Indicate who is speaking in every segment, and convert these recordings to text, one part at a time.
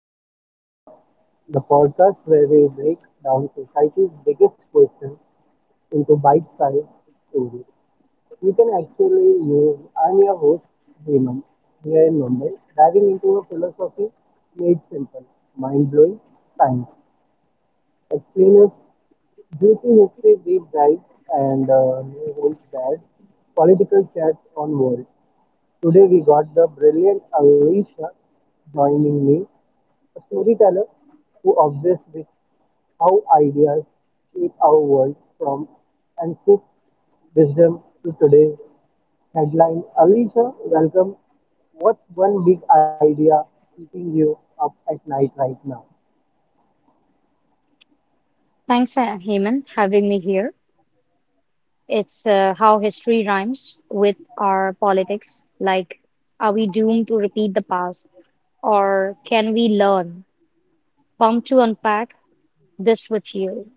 Speaker 1: Ideas Unpacked, the podcast where we break down society's biggest questions into bite sized stories you can actually use. I'm your host, Hemant, here in Mumbai, diving into a philosophy made simple, mind blowing science. Explainers, juicy history deep dives, and no holds barred political chats on world. Today we got the brilliant Alicia joining me, a storyteller who obsesses with how ideas shape our world from ancient wisdom to today's headline. Alicia, welcome. What's one big idea keeping you up at night right now?
Speaker 2: Thanks, Heyman, having me here. It's how history rhymes with our politics. Like, are we doomed to repeat the past, or can we learn? Pumped to unpack this with you.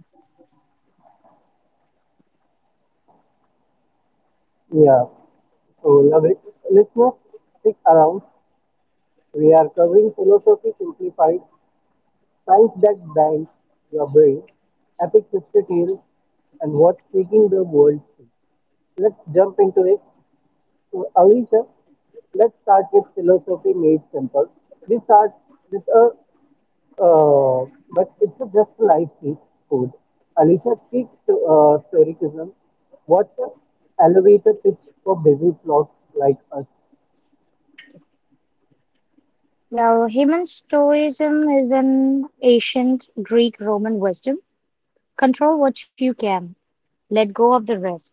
Speaker 1: Yeah, so love it. Listeners, stick around. We are covering philosophy simplified, thanks that bands your brain, epic sister tales, and what's taking the world to. Let's jump into it. So, Alicia, let's start with philosophy made simple. We start with a, but it's a just a life cheat code. Alicia speaks to stoicism. What's the elevator pitch for busy blocks like us?
Speaker 2: Well, Heyman, Stoicism is an ancient Greek-Roman wisdom. Control what you can, let go of the rest.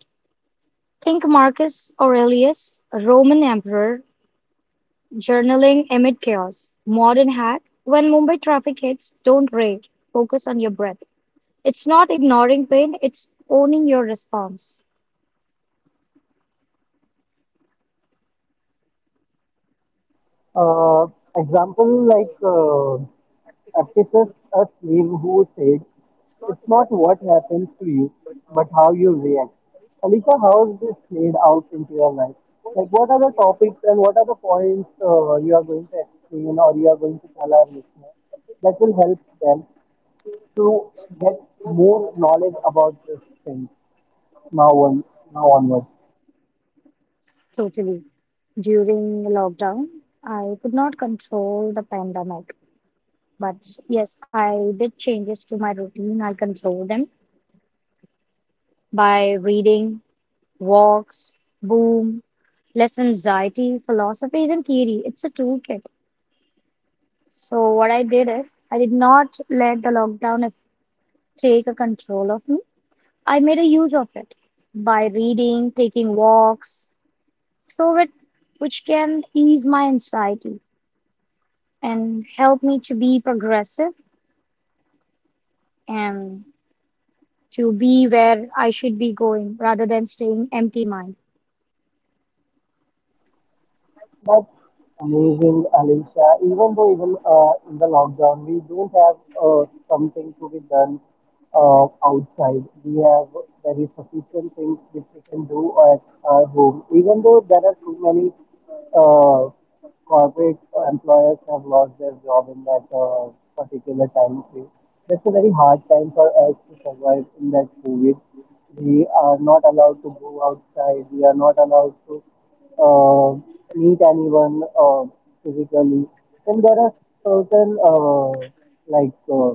Speaker 2: Think Marcus Aurelius, a Roman emperor, journaling amid chaos. Modern hack. When Mumbai traffic hits, don't rage. Focus on your breath. It's not ignoring pain, it's owning your response.
Speaker 1: Uh, example like Epicus, a slave who said, it's not what happens to you, but how you react. Alicia, how is this played out into your life? Like, what are the topics and what are the points you are going to explain or you are going to tell our listeners that will help them to get more knowledge about this thing now on now onwards?
Speaker 2: Totally. During lockdown, I could not control the pandemic. But yes, I did changes to my routine. I controlled them by reading, walks, boom, less anxiety, philosophies, and theory. It's a toolkit. So what I did is I did not let the lockdown take a control of me. I made a use of it by reading, taking walks, so it which can ease my anxiety and help me to be progressive and to be where I should be going rather than staying empty minded.
Speaker 1: That's amazing, Alicia. Even though even in the lockdown, we don't have something to be done outside. We have very sufficient things which we can do at our home. Even though there are so many uh, corporate employers have lost their job in that particular time frame. That's a very hard time for us to survive in that COVID. We are not allowed to go outside. We are not allowed to uh, meet anyone uh, physically. And there are certain like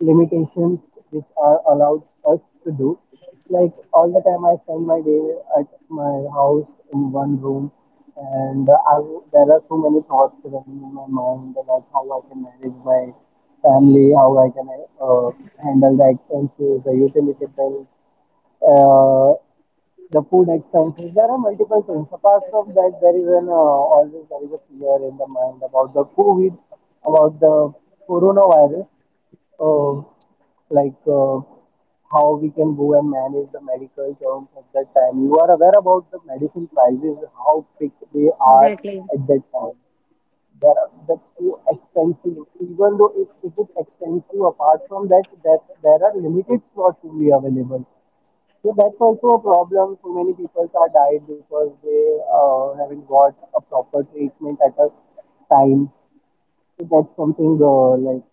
Speaker 1: limitations which are allowed us to do. Like all the time, I spend my day at my house in one room, and there are so many thoughts running in my mind, like how I can manage my family, how I can uh, handle the expenses, the utility bills, uh, the food expenses. There are multiple things. Apart from that, there is an always there is a fear in the mind about the COVID, about the coronavirus. Uh, like how we can go and manage the medical terms at that time. You are aware about the medicine prices, how big they are
Speaker 2: Exactly.
Speaker 1: at that time. They are that's so expensive. Even though it is expensive, apart from that, that there are limited slots only available. So that's also a problem. So many people are died because they haven't got a proper treatment at a time. So that's something like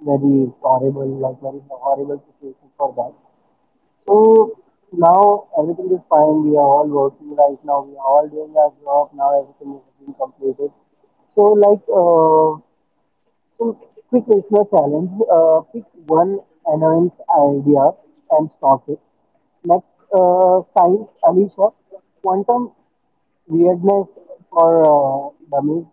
Speaker 1: very horrible, like very horrible situation for that. So now everything is fine. We are all working right now. We are all doing our job. Now everything is being completed. So like Quick quick listener challenge. Pick one annoyance idea and stop it. Next, science, Alicia. Quantum weirdness for dummies.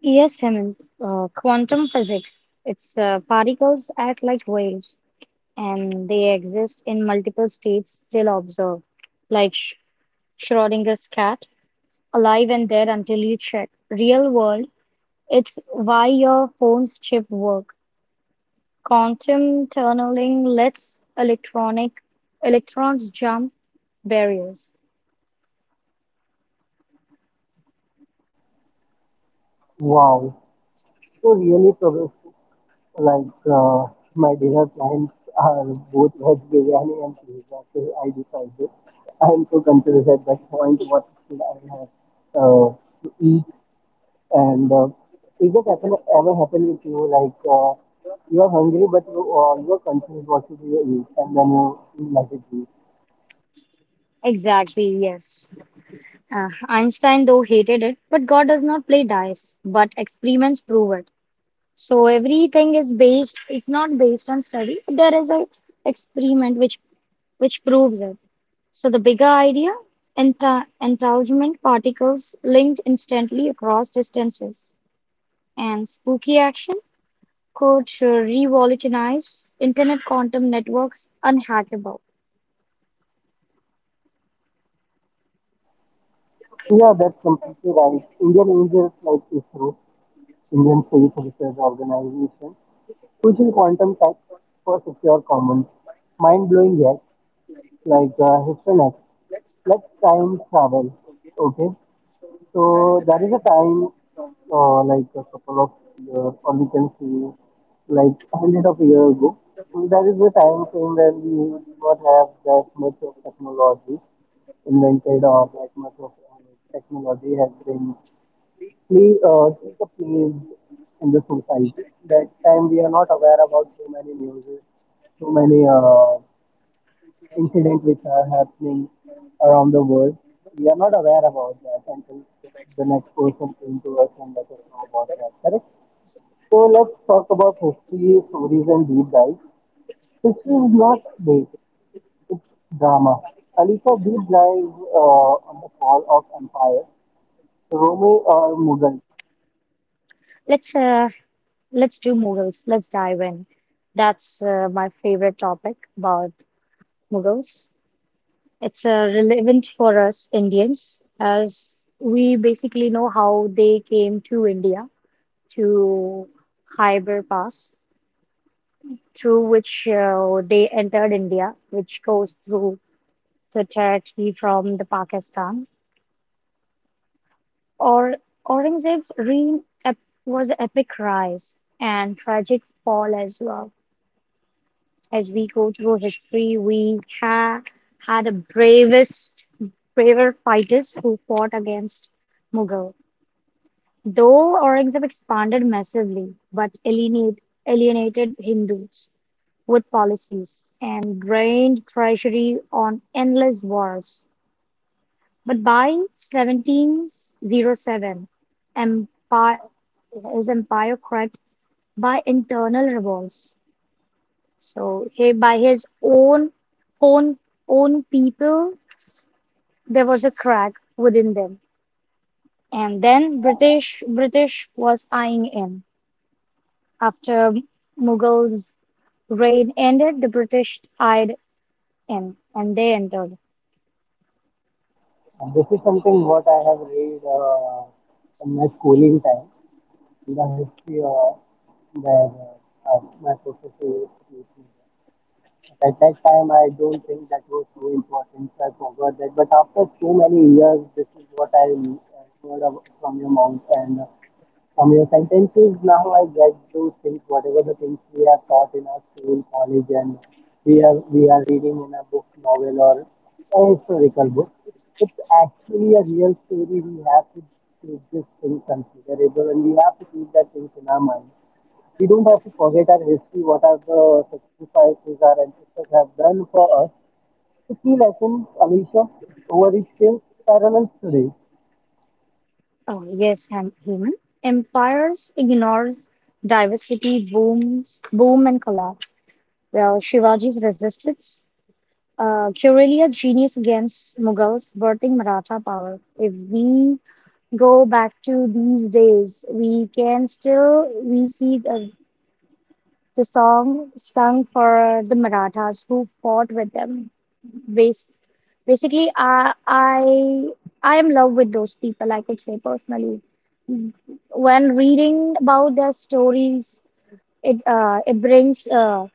Speaker 2: Yes, Hemant. Quantum physics. It's particles act like waves and they exist in multiple states still observed, like Schrodinger's cat. Alive and there until you check. Real world, it's why your phone's chip work. Quantum tunneling lets electronic electrons jump barriers.
Speaker 1: Wow. So really progressive. Like my dinner plans are both veg biryani and pizza till I decided. I am so confused at that point. What should I have to eat? And if that happen, ever happen with you, like you are hungry but you are confused what should you eat, and then you like it. Eat.
Speaker 2: Exactly, yes. Einstein, though, hated it, but God does not play dice, but experiments prove it. So everything is based, it's not based on study. There is an experiment which proves it. So the bigger idea, entanglement particles linked instantly across distances, and spooky action could revolutionize internet quantum networks unhackable.
Speaker 1: Yeah, that's completely right. Indian Angels like ISRO, Indian Space Research Organization, pushing quantum tech for secure commons. Mind blowing, yes. Like history next. Let's time travel. Okay. So there is a time, like a couple of years, or we can say, like a hundred of years ago, there is a time frame when we did not have that much of technology invented or that much of technology has been take a place in the society. That time we are not aware about so many news, so many incidents which are happening around the world. We are not aware about that until the next person came to us and let us know about that. Correct? So let's talk about history, stories, and deep dives. History is not big; it's drama. Khalifa deep dive on the fall of empire, Rome or Mughal.
Speaker 2: Let's uh, let's do Mughals. Let's dive in. That's my favorite topic about Mughals. It's relevant for us Indians as we basically know how they came to India to Khyber Pass through which they entered India, which goes through the territory from the Pakistan. Or Aurangzeb's reign was epic rise and tragic fall as well. As we go through history, we had a braver fighters who fought against Mughal. Though Aurangzeb expanded massively, but alienated Hindus with policies and drained treasury on endless wars. But by 1707, empire, his empire cracked by internal revolts. So he, by his own own people, there was a crack within them. And then British was eyeing in. After Mughals' reign ended, the British eyed in and they entered.
Speaker 1: And this is something what I have read in my schooling time in the history where my professor used to teach me. At that time, I don't think that was so important, so I forgot that. But after so many years, this is what I heard of from your mouth and from your sentences. Now I get those things, whatever the things we are taught in our school, college, and we are reading in a book, novel, or a historical book. It's actually a real story. We have to take this thing considerable, and we have to keep that things in our mind, we don't have to forget our history, what are the sacrifices our ancestors have done for us. So key lessons, Alicia, over each kills, parallels today.
Speaker 2: Oh, yes, I'm human. Empires ignores diversity, boom and collapse. Well, Shivaji's resistance, Karelia genius against Mughals, birthing Maratha power. If we go back to these days, we can still we see the song sung for the Marathas who fought with them. Bas Basically, I am in love with those people, I could say personally. When reading about their stories, it brings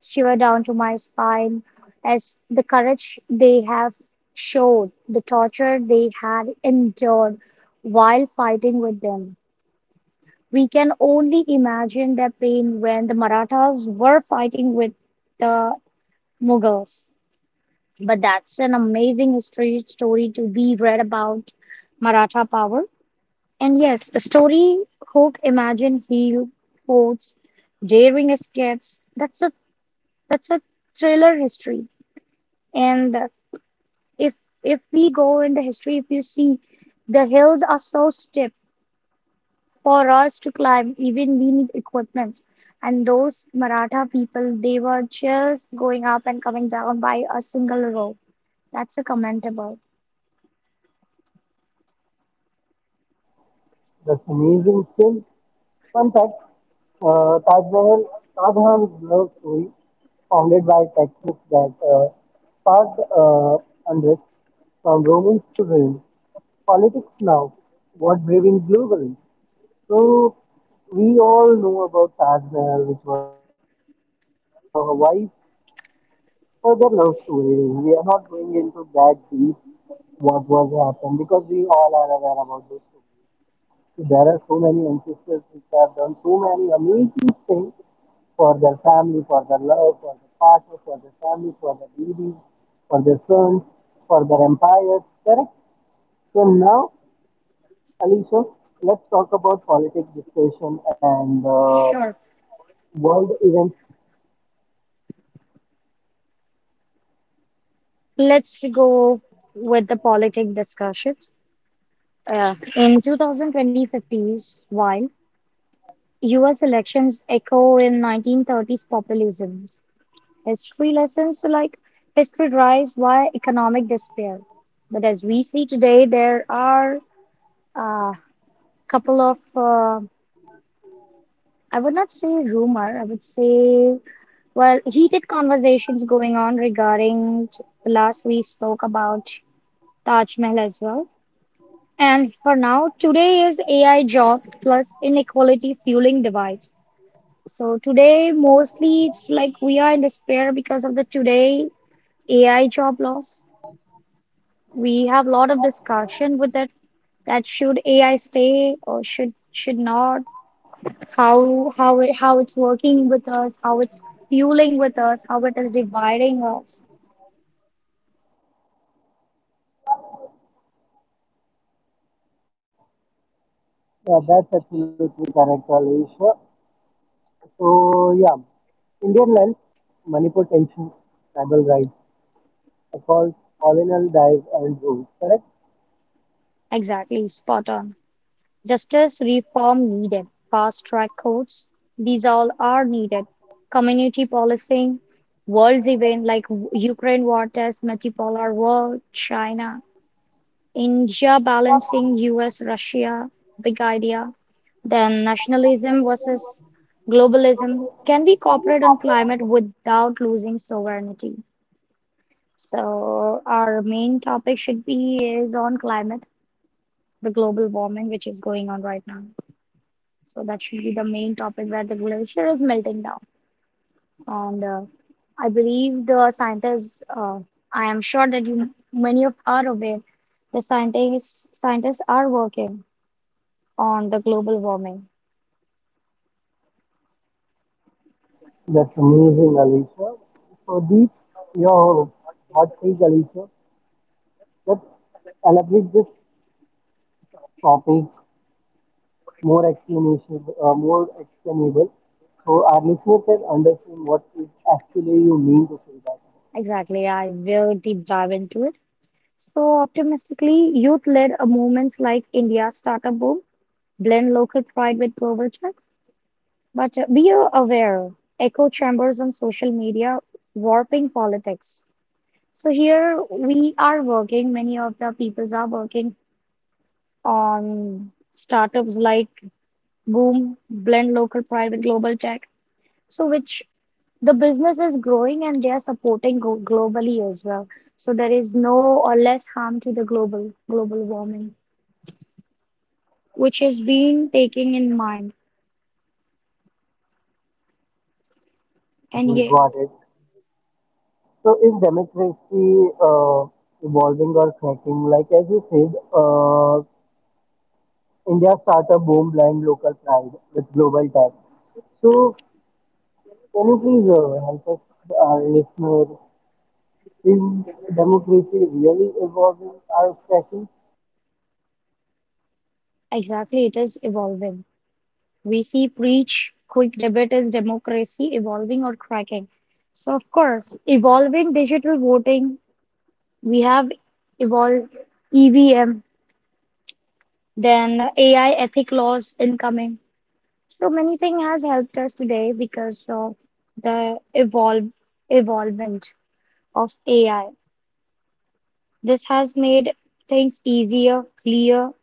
Speaker 2: shiver down to my spine as the courage they have showed, the torture they had endured while fighting with them. We can only imagine their pain when the Marathas were fighting with the Mughals. But that's an amazing history story to be read about Maratha power. And yes, a story hook, imagine heal forts, daring escapes. That's a thriller history. And if if we go in the history, if you see, the hills are so steep for us to climb. Even we need equipment. And those Maratha people, they were just going up and coming down by a single rope. That's a commendable.
Speaker 1: That's amazing film. Fun facts, Taj Mahal, Taj Mahal's love story, founded by Texas that sparked unrest from Romans to Rome. Politics now, what brewing globally? So we all know about Taj Mahal, which was built by Shah Jahan for her wife for their love story. We are not going into that deep what was happened because we all are aware about those stories. So there are so many ancestors which have done so many amazing things for their family, for their love, for their partner, for their family, for their babies, for their sons, for their empires. Correct. So now, Alicia, let's talk about politic discussion and
Speaker 2: Sure.
Speaker 1: world events.
Speaker 2: Let's go with the politic discussions. In 2020s, while US elections echo in 1930s populism, history lessons like history drives via economic despair. But as we see today, there are a couple of, I would not say rumor, I would say, well, heated conversations going on regarding last we spoke about Taj Mahal as well. And for now, today is AI job plus inequality fueling divides. So today, mostly it's like we are in despair because of the today AI job loss. We have a lot of discussion with that should AI stay or should not, how it, how it's working with us, how it's fueling with us, how it is dividing us.
Speaker 1: Yeah, that's absolutely correct, Alisha. So, yeah, Indian lands, Manipur tensions, tribal rights, calls, colonial dive and rules, correct?
Speaker 2: Exactly, spot on. Justice reform needed. Fast track courts, these all are needed. Community policing, world's event like Ukraine war test, multipolar world, China, India balancing US, Russia, big idea. Then nationalism versus globalism. Can we cooperate on climate without losing sovereignty? So our main topic should be is on climate, the global warming which is going on right now. So that should be the main topic where the glacier is melting down. And I believe the scientists, I am sure that you many of are aware, the scientists are working on the global warming.
Speaker 1: That's amazing, Alisha. So, Deep, your hot take, Alisha. Let's elaborate this topic more explanation, more explainable, so our listeners can understand what is actually you mean to say that.
Speaker 2: Exactly, I will deep dive into it. So optimistically, youth-led movements like India's startup boom blend local pride with global tech. But be aware, echo chambers on social media warping politics. So here we are working, many of the peoples are working on startups like Boom, Blend Local Private Global Tech. So which the business is growing and they are supporting go globally as well. So there is no or less harm to the global warming, which is being taken in mind. And
Speaker 1: Okay,
Speaker 2: yeah,
Speaker 1: got it. So is democracy evolving or cracking? Like as you said, uh, India startup boom blind local pride with global tech. So can you please help us, our listener? Is democracy really evolving or cracking?
Speaker 2: exactly, it is evolving. We see preach quick debate is democracy evolving or cracking. So of course, evolving digital voting, we have evolved EVM, then AI ethic laws incoming. So many things has helped us today because of the evolvement of AI. This has made things easier, clear,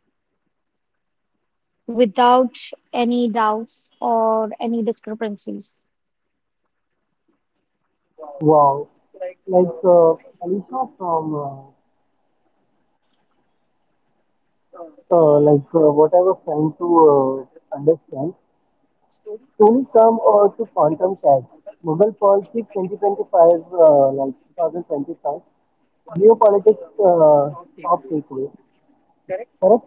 Speaker 2: without any doubts or any discrepancies.
Speaker 1: Wow. Like Alicia from like what I was trying to understand Tony come to Quantum Tag, Mughal Politics 2025, like 2025, Geopolitics Top Takeaway, correct?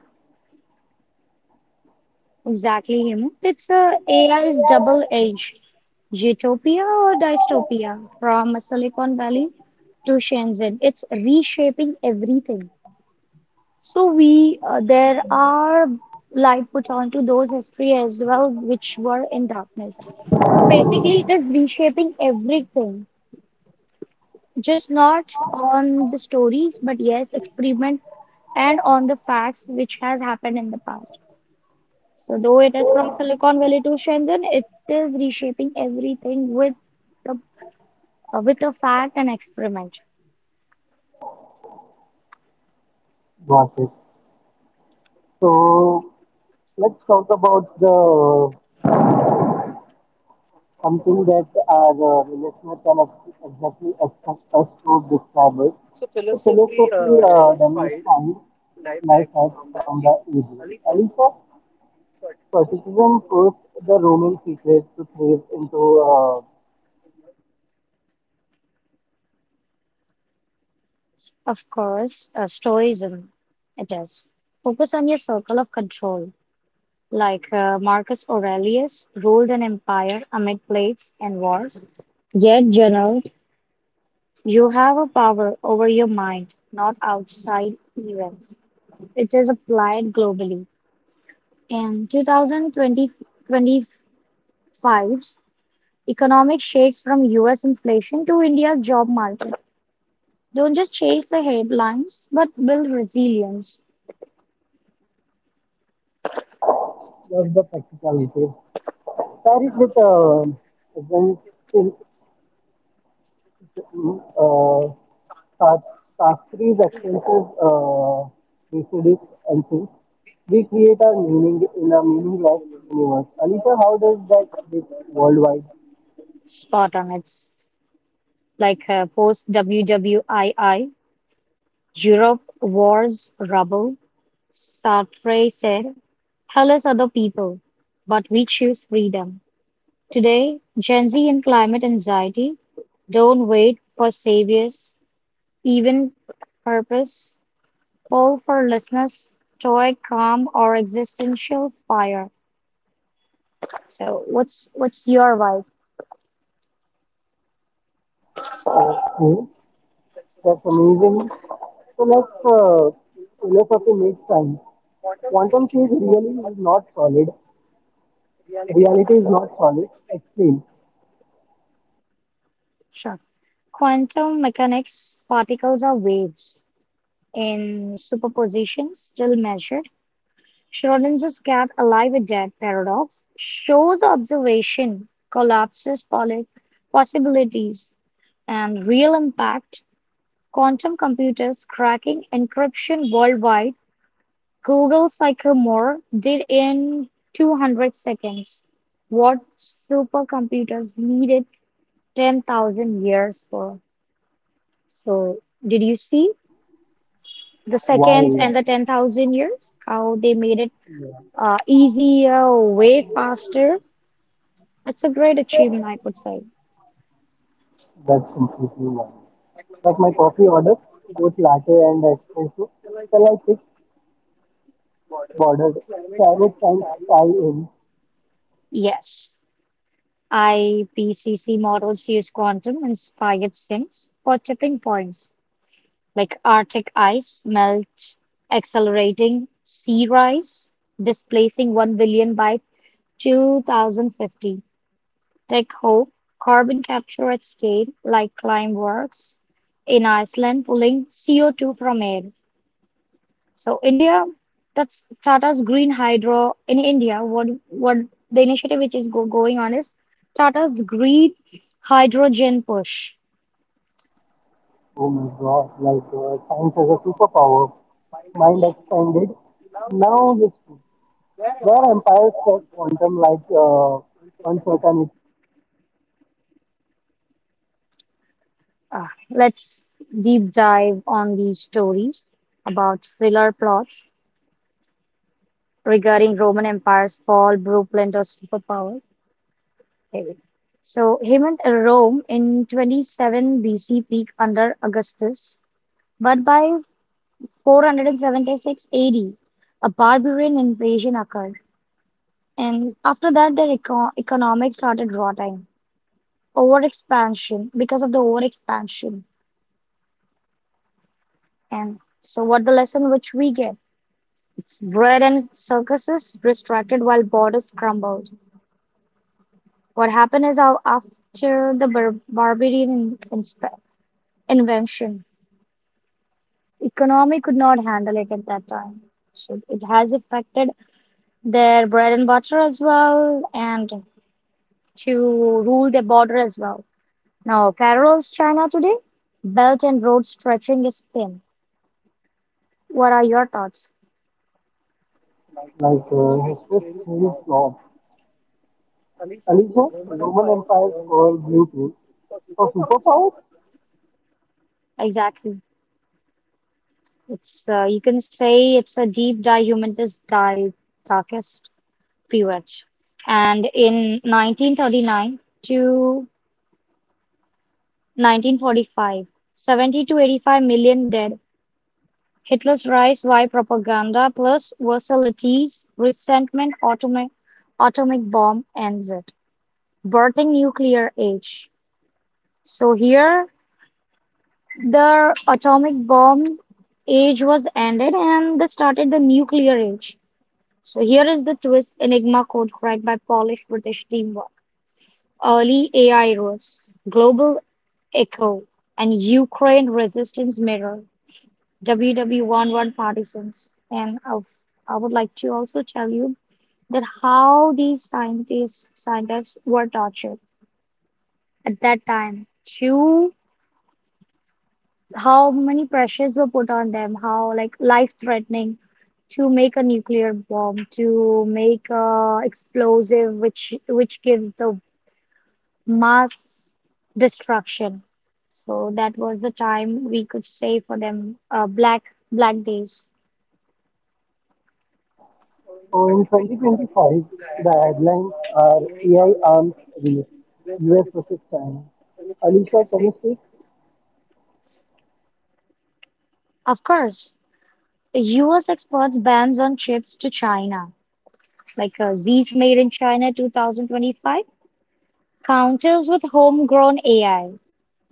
Speaker 2: Exactly, Hemu. It's a AI's double edge, utopia or dystopia, from Silicon Valley to Shenzhen. It's reshaping everything. So we there are light put onto those history as well, which were in darkness. So basically, it is reshaping everything, just not on the stories, but yes, experiment and on the facts which has happened in the past. So, though it is from Silicon Valley to Shenzhen, it is reshaping everything with the, with a fact and experiment.
Speaker 1: Got it. So let's talk about the something that our listener can exactly expect us to describe it. So philosophy demonstrates life hacks from the ages. Alisa, stoicism forced the Roman secret to thrive into
Speaker 2: Of course, stoicism it is. Focus on your circle of control. Like Marcus Aurelius ruled an empire amid plagues and wars, yet journaled, you have a power over your mind, not outside events. It is applied globally. In 2025, economic shakes from US inflation to India's job market. Don't just chase the headlines, but build resilience.
Speaker 1: love the practicality. Pair it with advanced skill, uh, task task trees, extensive research and things. We create our meaning in a meaningless universe. Alita, how does that hit worldwide?
Speaker 2: Spot on. It's like post WWII, Europe, wars, rubble. Sartre said, "Hell is other people," but we choose freedom. Today, Gen Z and climate anxiety don't wait for saviors, even purpose. Call for listeners, stoic calm, or existential fire. So what's your vibe?
Speaker 1: Hmm? That's amazing. So let's philosophy makes sense. Quantum field really is not solid. Reality is not solid. Explain
Speaker 2: Sure. Quantum mechanics, particles are waves in superposition, still measured. Schrodinger's cat, alive or dead paradox, shows observation collapses possibilities and real impact. Quantum computers cracking encryption worldwide. Google Sycamore did in 200 seconds what supercomputers needed 10,000 years for. So, did you see the seconds and the
Speaker 1: why.
Speaker 2: 10,000 years? How they made it easier, way faster. It's a great achievement, I could say.
Speaker 1: That's completely mine. Like my coffee order, both latte and espresso. Shall I pick bordered? Climate science tie in.
Speaker 2: Yes, IPCC models use quantum inspired sinks for tipping points like Arctic ice melt, accelerating sea rise, displacing 1 billion by 2050. Take Hope, carbon capture at scale, like Climeworks in Iceland, pulling CO2 from air. So India, that's Tata's Green Hydro in India. What the initiative which is going on is Tata's Green Hydrogen Push.
Speaker 1: Oh my god, like science as a superpower. Mind expanded. Now history. Where empires set quantum like uncertainty,
Speaker 2: Ah, let's deep dive on these stories about thriller plots regarding Roman Empire's fall, blueprint of superpowers. Okay. So Hemant Rome in 27 BC peaked under Augustus, but by 476 AD, a barbarian invasion occurred. And after that, their economics started rotting. Overexpansion, because of the overexpansion. And so, what the lesson which we get? It's bread and circuses restricted while borders crumbled. What happened is how after the barbarian inspe- invention, economy could not handle it at that time. So it has affected their bread and butter as well, and to rule their border as well. Now, Carol's China today, Belt and Road stretching is thin. What are your thoughts?
Speaker 1: like history's strange plot. Alicia, Roman Empire's for blueprint. For superpowers?
Speaker 2: Exactly. It's you can say it's a deep dive humanist dive darkest period. And in 1939 to 1945, 70 to 85 million dead Hitler's rise via propaganda plus Versailles' resentment atomic bomb ends it, birthing nuclear age. So here the atomic bomb age was ended and they started the nuclear age. So here is the twist Enigma code cracked by Polish British teamwork. Early AI rules, global echo, and Ukraine resistance mirror. WW11 partisans. And I would like to also tell you that how these scientists were tortured at that time. To how many pressures were put on them, how like life-threatening to make a nuclear bomb, to make a explosive which gives the mass destruction. So that was the time we could say for them black days.
Speaker 1: So in 2025, the headlines are AI arms race, US versus China. Alicia, can you speak?
Speaker 2: Of course, US exports bans on chips to China, like Z's Made in China 2025, counters with homegrown AI.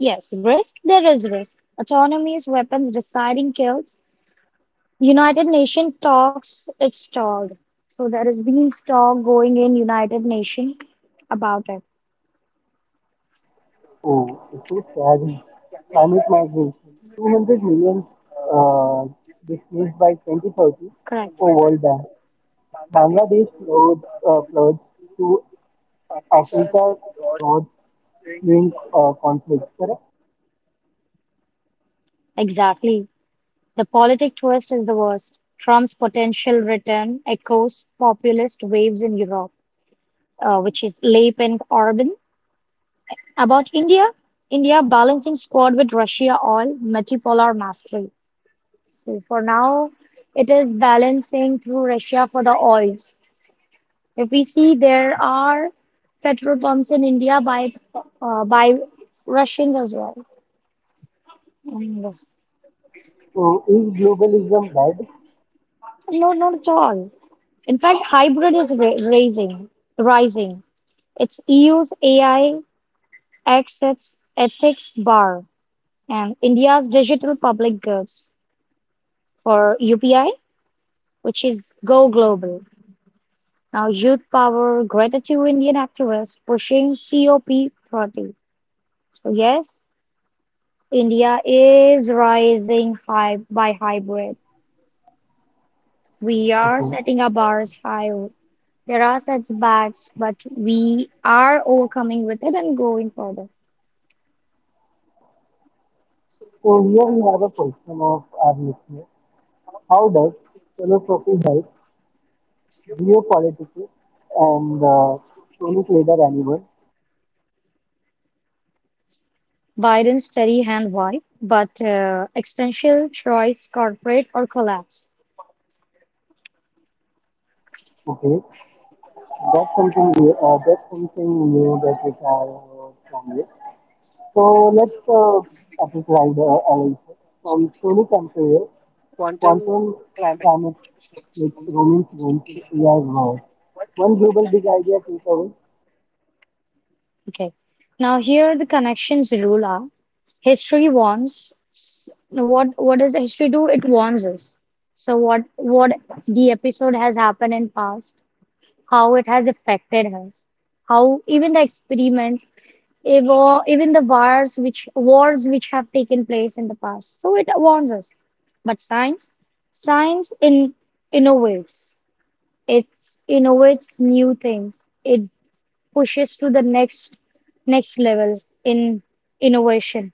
Speaker 2: Yes, risk, there is risk. Autonomy's weapons deciding kills. United Nations talks, it's stalled. So there is has been talk going in United Nations about it.
Speaker 1: Oh, it's so sad. Climate migration. 200 million uh, displaced by 2030
Speaker 2: Correct.
Speaker 1: for World Bank. Bangladesh flood, floods to Africa drought during conflict, correct?
Speaker 2: Exactly. The politic twist is the worst. Trump's potential return echoes populist waves in Europe. Which is Leap and Orban, about India. India balancing squad with Russia all multipolar mastery. So for now, it is balancing through Russia for the oil. If we see, there are petrol pumps in India by by Russians as well. And this-
Speaker 1: So is globalism bad?
Speaker 2: no, not at all. In fact, hybrid is rising. It's EU's AI exits ethics bar and India's digital public goods. For UPI, which is Go Global. Now, Youth Power, Greta to Indian activists pushing COP30. So, yes, India is rising high by hybrid. We are
Speaker 1: Okay.
Speaker 2: setting our bars higher. There are setbacks, but we are overcoming with it and going further.
Speaker 1: So here we have a question of our listener. How does philosophy help geopolitics and Tony Trader anyone?
Speaker 2: Biden's steady hand why, but existential choice, corporate or collapse.
Speaker 1: Okay, that's something new that we can learn from you. So let's epic ride Alicia. From Stony Camp quantum climate with roaming rooms AI world. One global big idea takeaway.
Speaker 2: Okay. Now here the connections rule are history warns. What does history do? It warns us. So what the episode has happened in past, how it has affected us, how even the experiments, or even the wars which have taken place in the past. So it warns us. But science, science in innovates. It innovates new things. It pushes to the next level in innovation.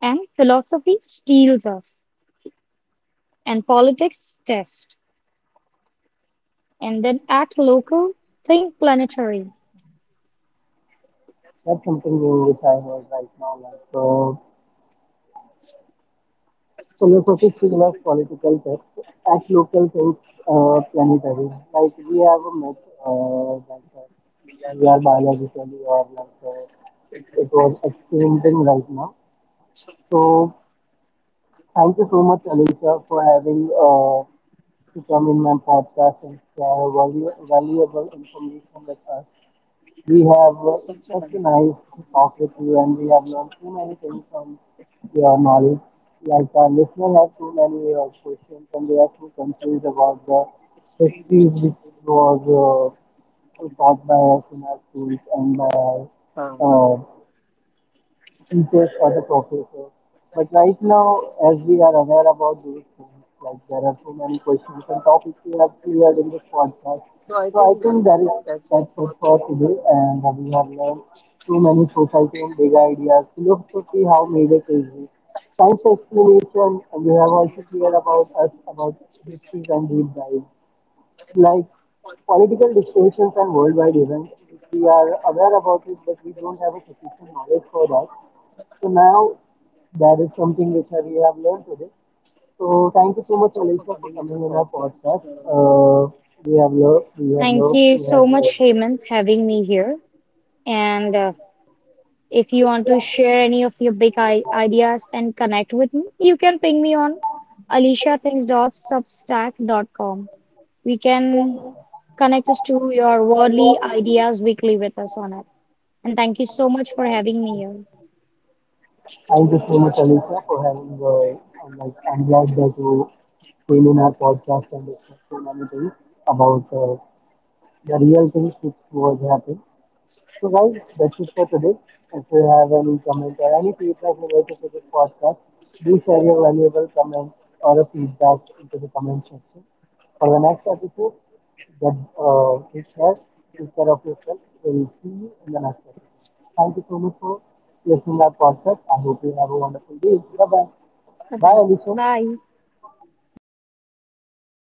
Speaker 2: And philosophy steals us, and politics test, and then act local, think planetary.
Speaker 1: That's something new which I heard right now. Like color focus scale political depth at local things planetary. Like we have a myth that we are biologically or like it was exchanging right now. So thank you so much, Alicia, for having to come in my podcast and share valuable information with us. We have such a nice talk with you, and we have learned so many things from your knowledge. Like our listener has so many questions, and they are so confused about the histories which was taught by us in our schools and by our teachers or the professors. But right now, as we are aware about those things, like there are so many questions and topics we have cleared in this podcast. So I think that's it for today, and we have learned so many society and big ideas, philosophy, how made it easy, science explanation, and you have also cleared about us about histories and deep dives like political distinctions and worldwide events, which we are aware about it, but we don't have a sufficient knowledge for that. So now that is something which we have learned today. So thank you so much, Alicia, for coming in our podcast. We have
Speaker 2: Thank
Speaker 1: loved
Speaker 2: you
Speaker 1: to
Speaker 2: so
Speaker 1: have you.
Speaker 2: much, Hemant, having me here. And if you want to share any of your big ideas and connect with me, you can ping me on aliciathinks.substack.com. We can connect us to your worldly ideas weekly with us on it. And thank you so much for having me here.
Speaker 1: Thank you so much, Alicia, for having. I'm like, I'm glad that you came in our podcast and discussed so many things about the real things which was happening. So guys, that's it for today. If you have any comment or any feedback related to this podcast, do share your valuable comment or a feedback into the comment section. For the next episode, get uh, take care, take care of yourself. We will see you in the next episode. Thank you so much for listening our podcast. I hope you have a wonderful day. Bye bye.
Speaker 2: Bye bye.
Speaker 1: Bye, Alicia.
Speaker 2: Bye. Bye, our listeners.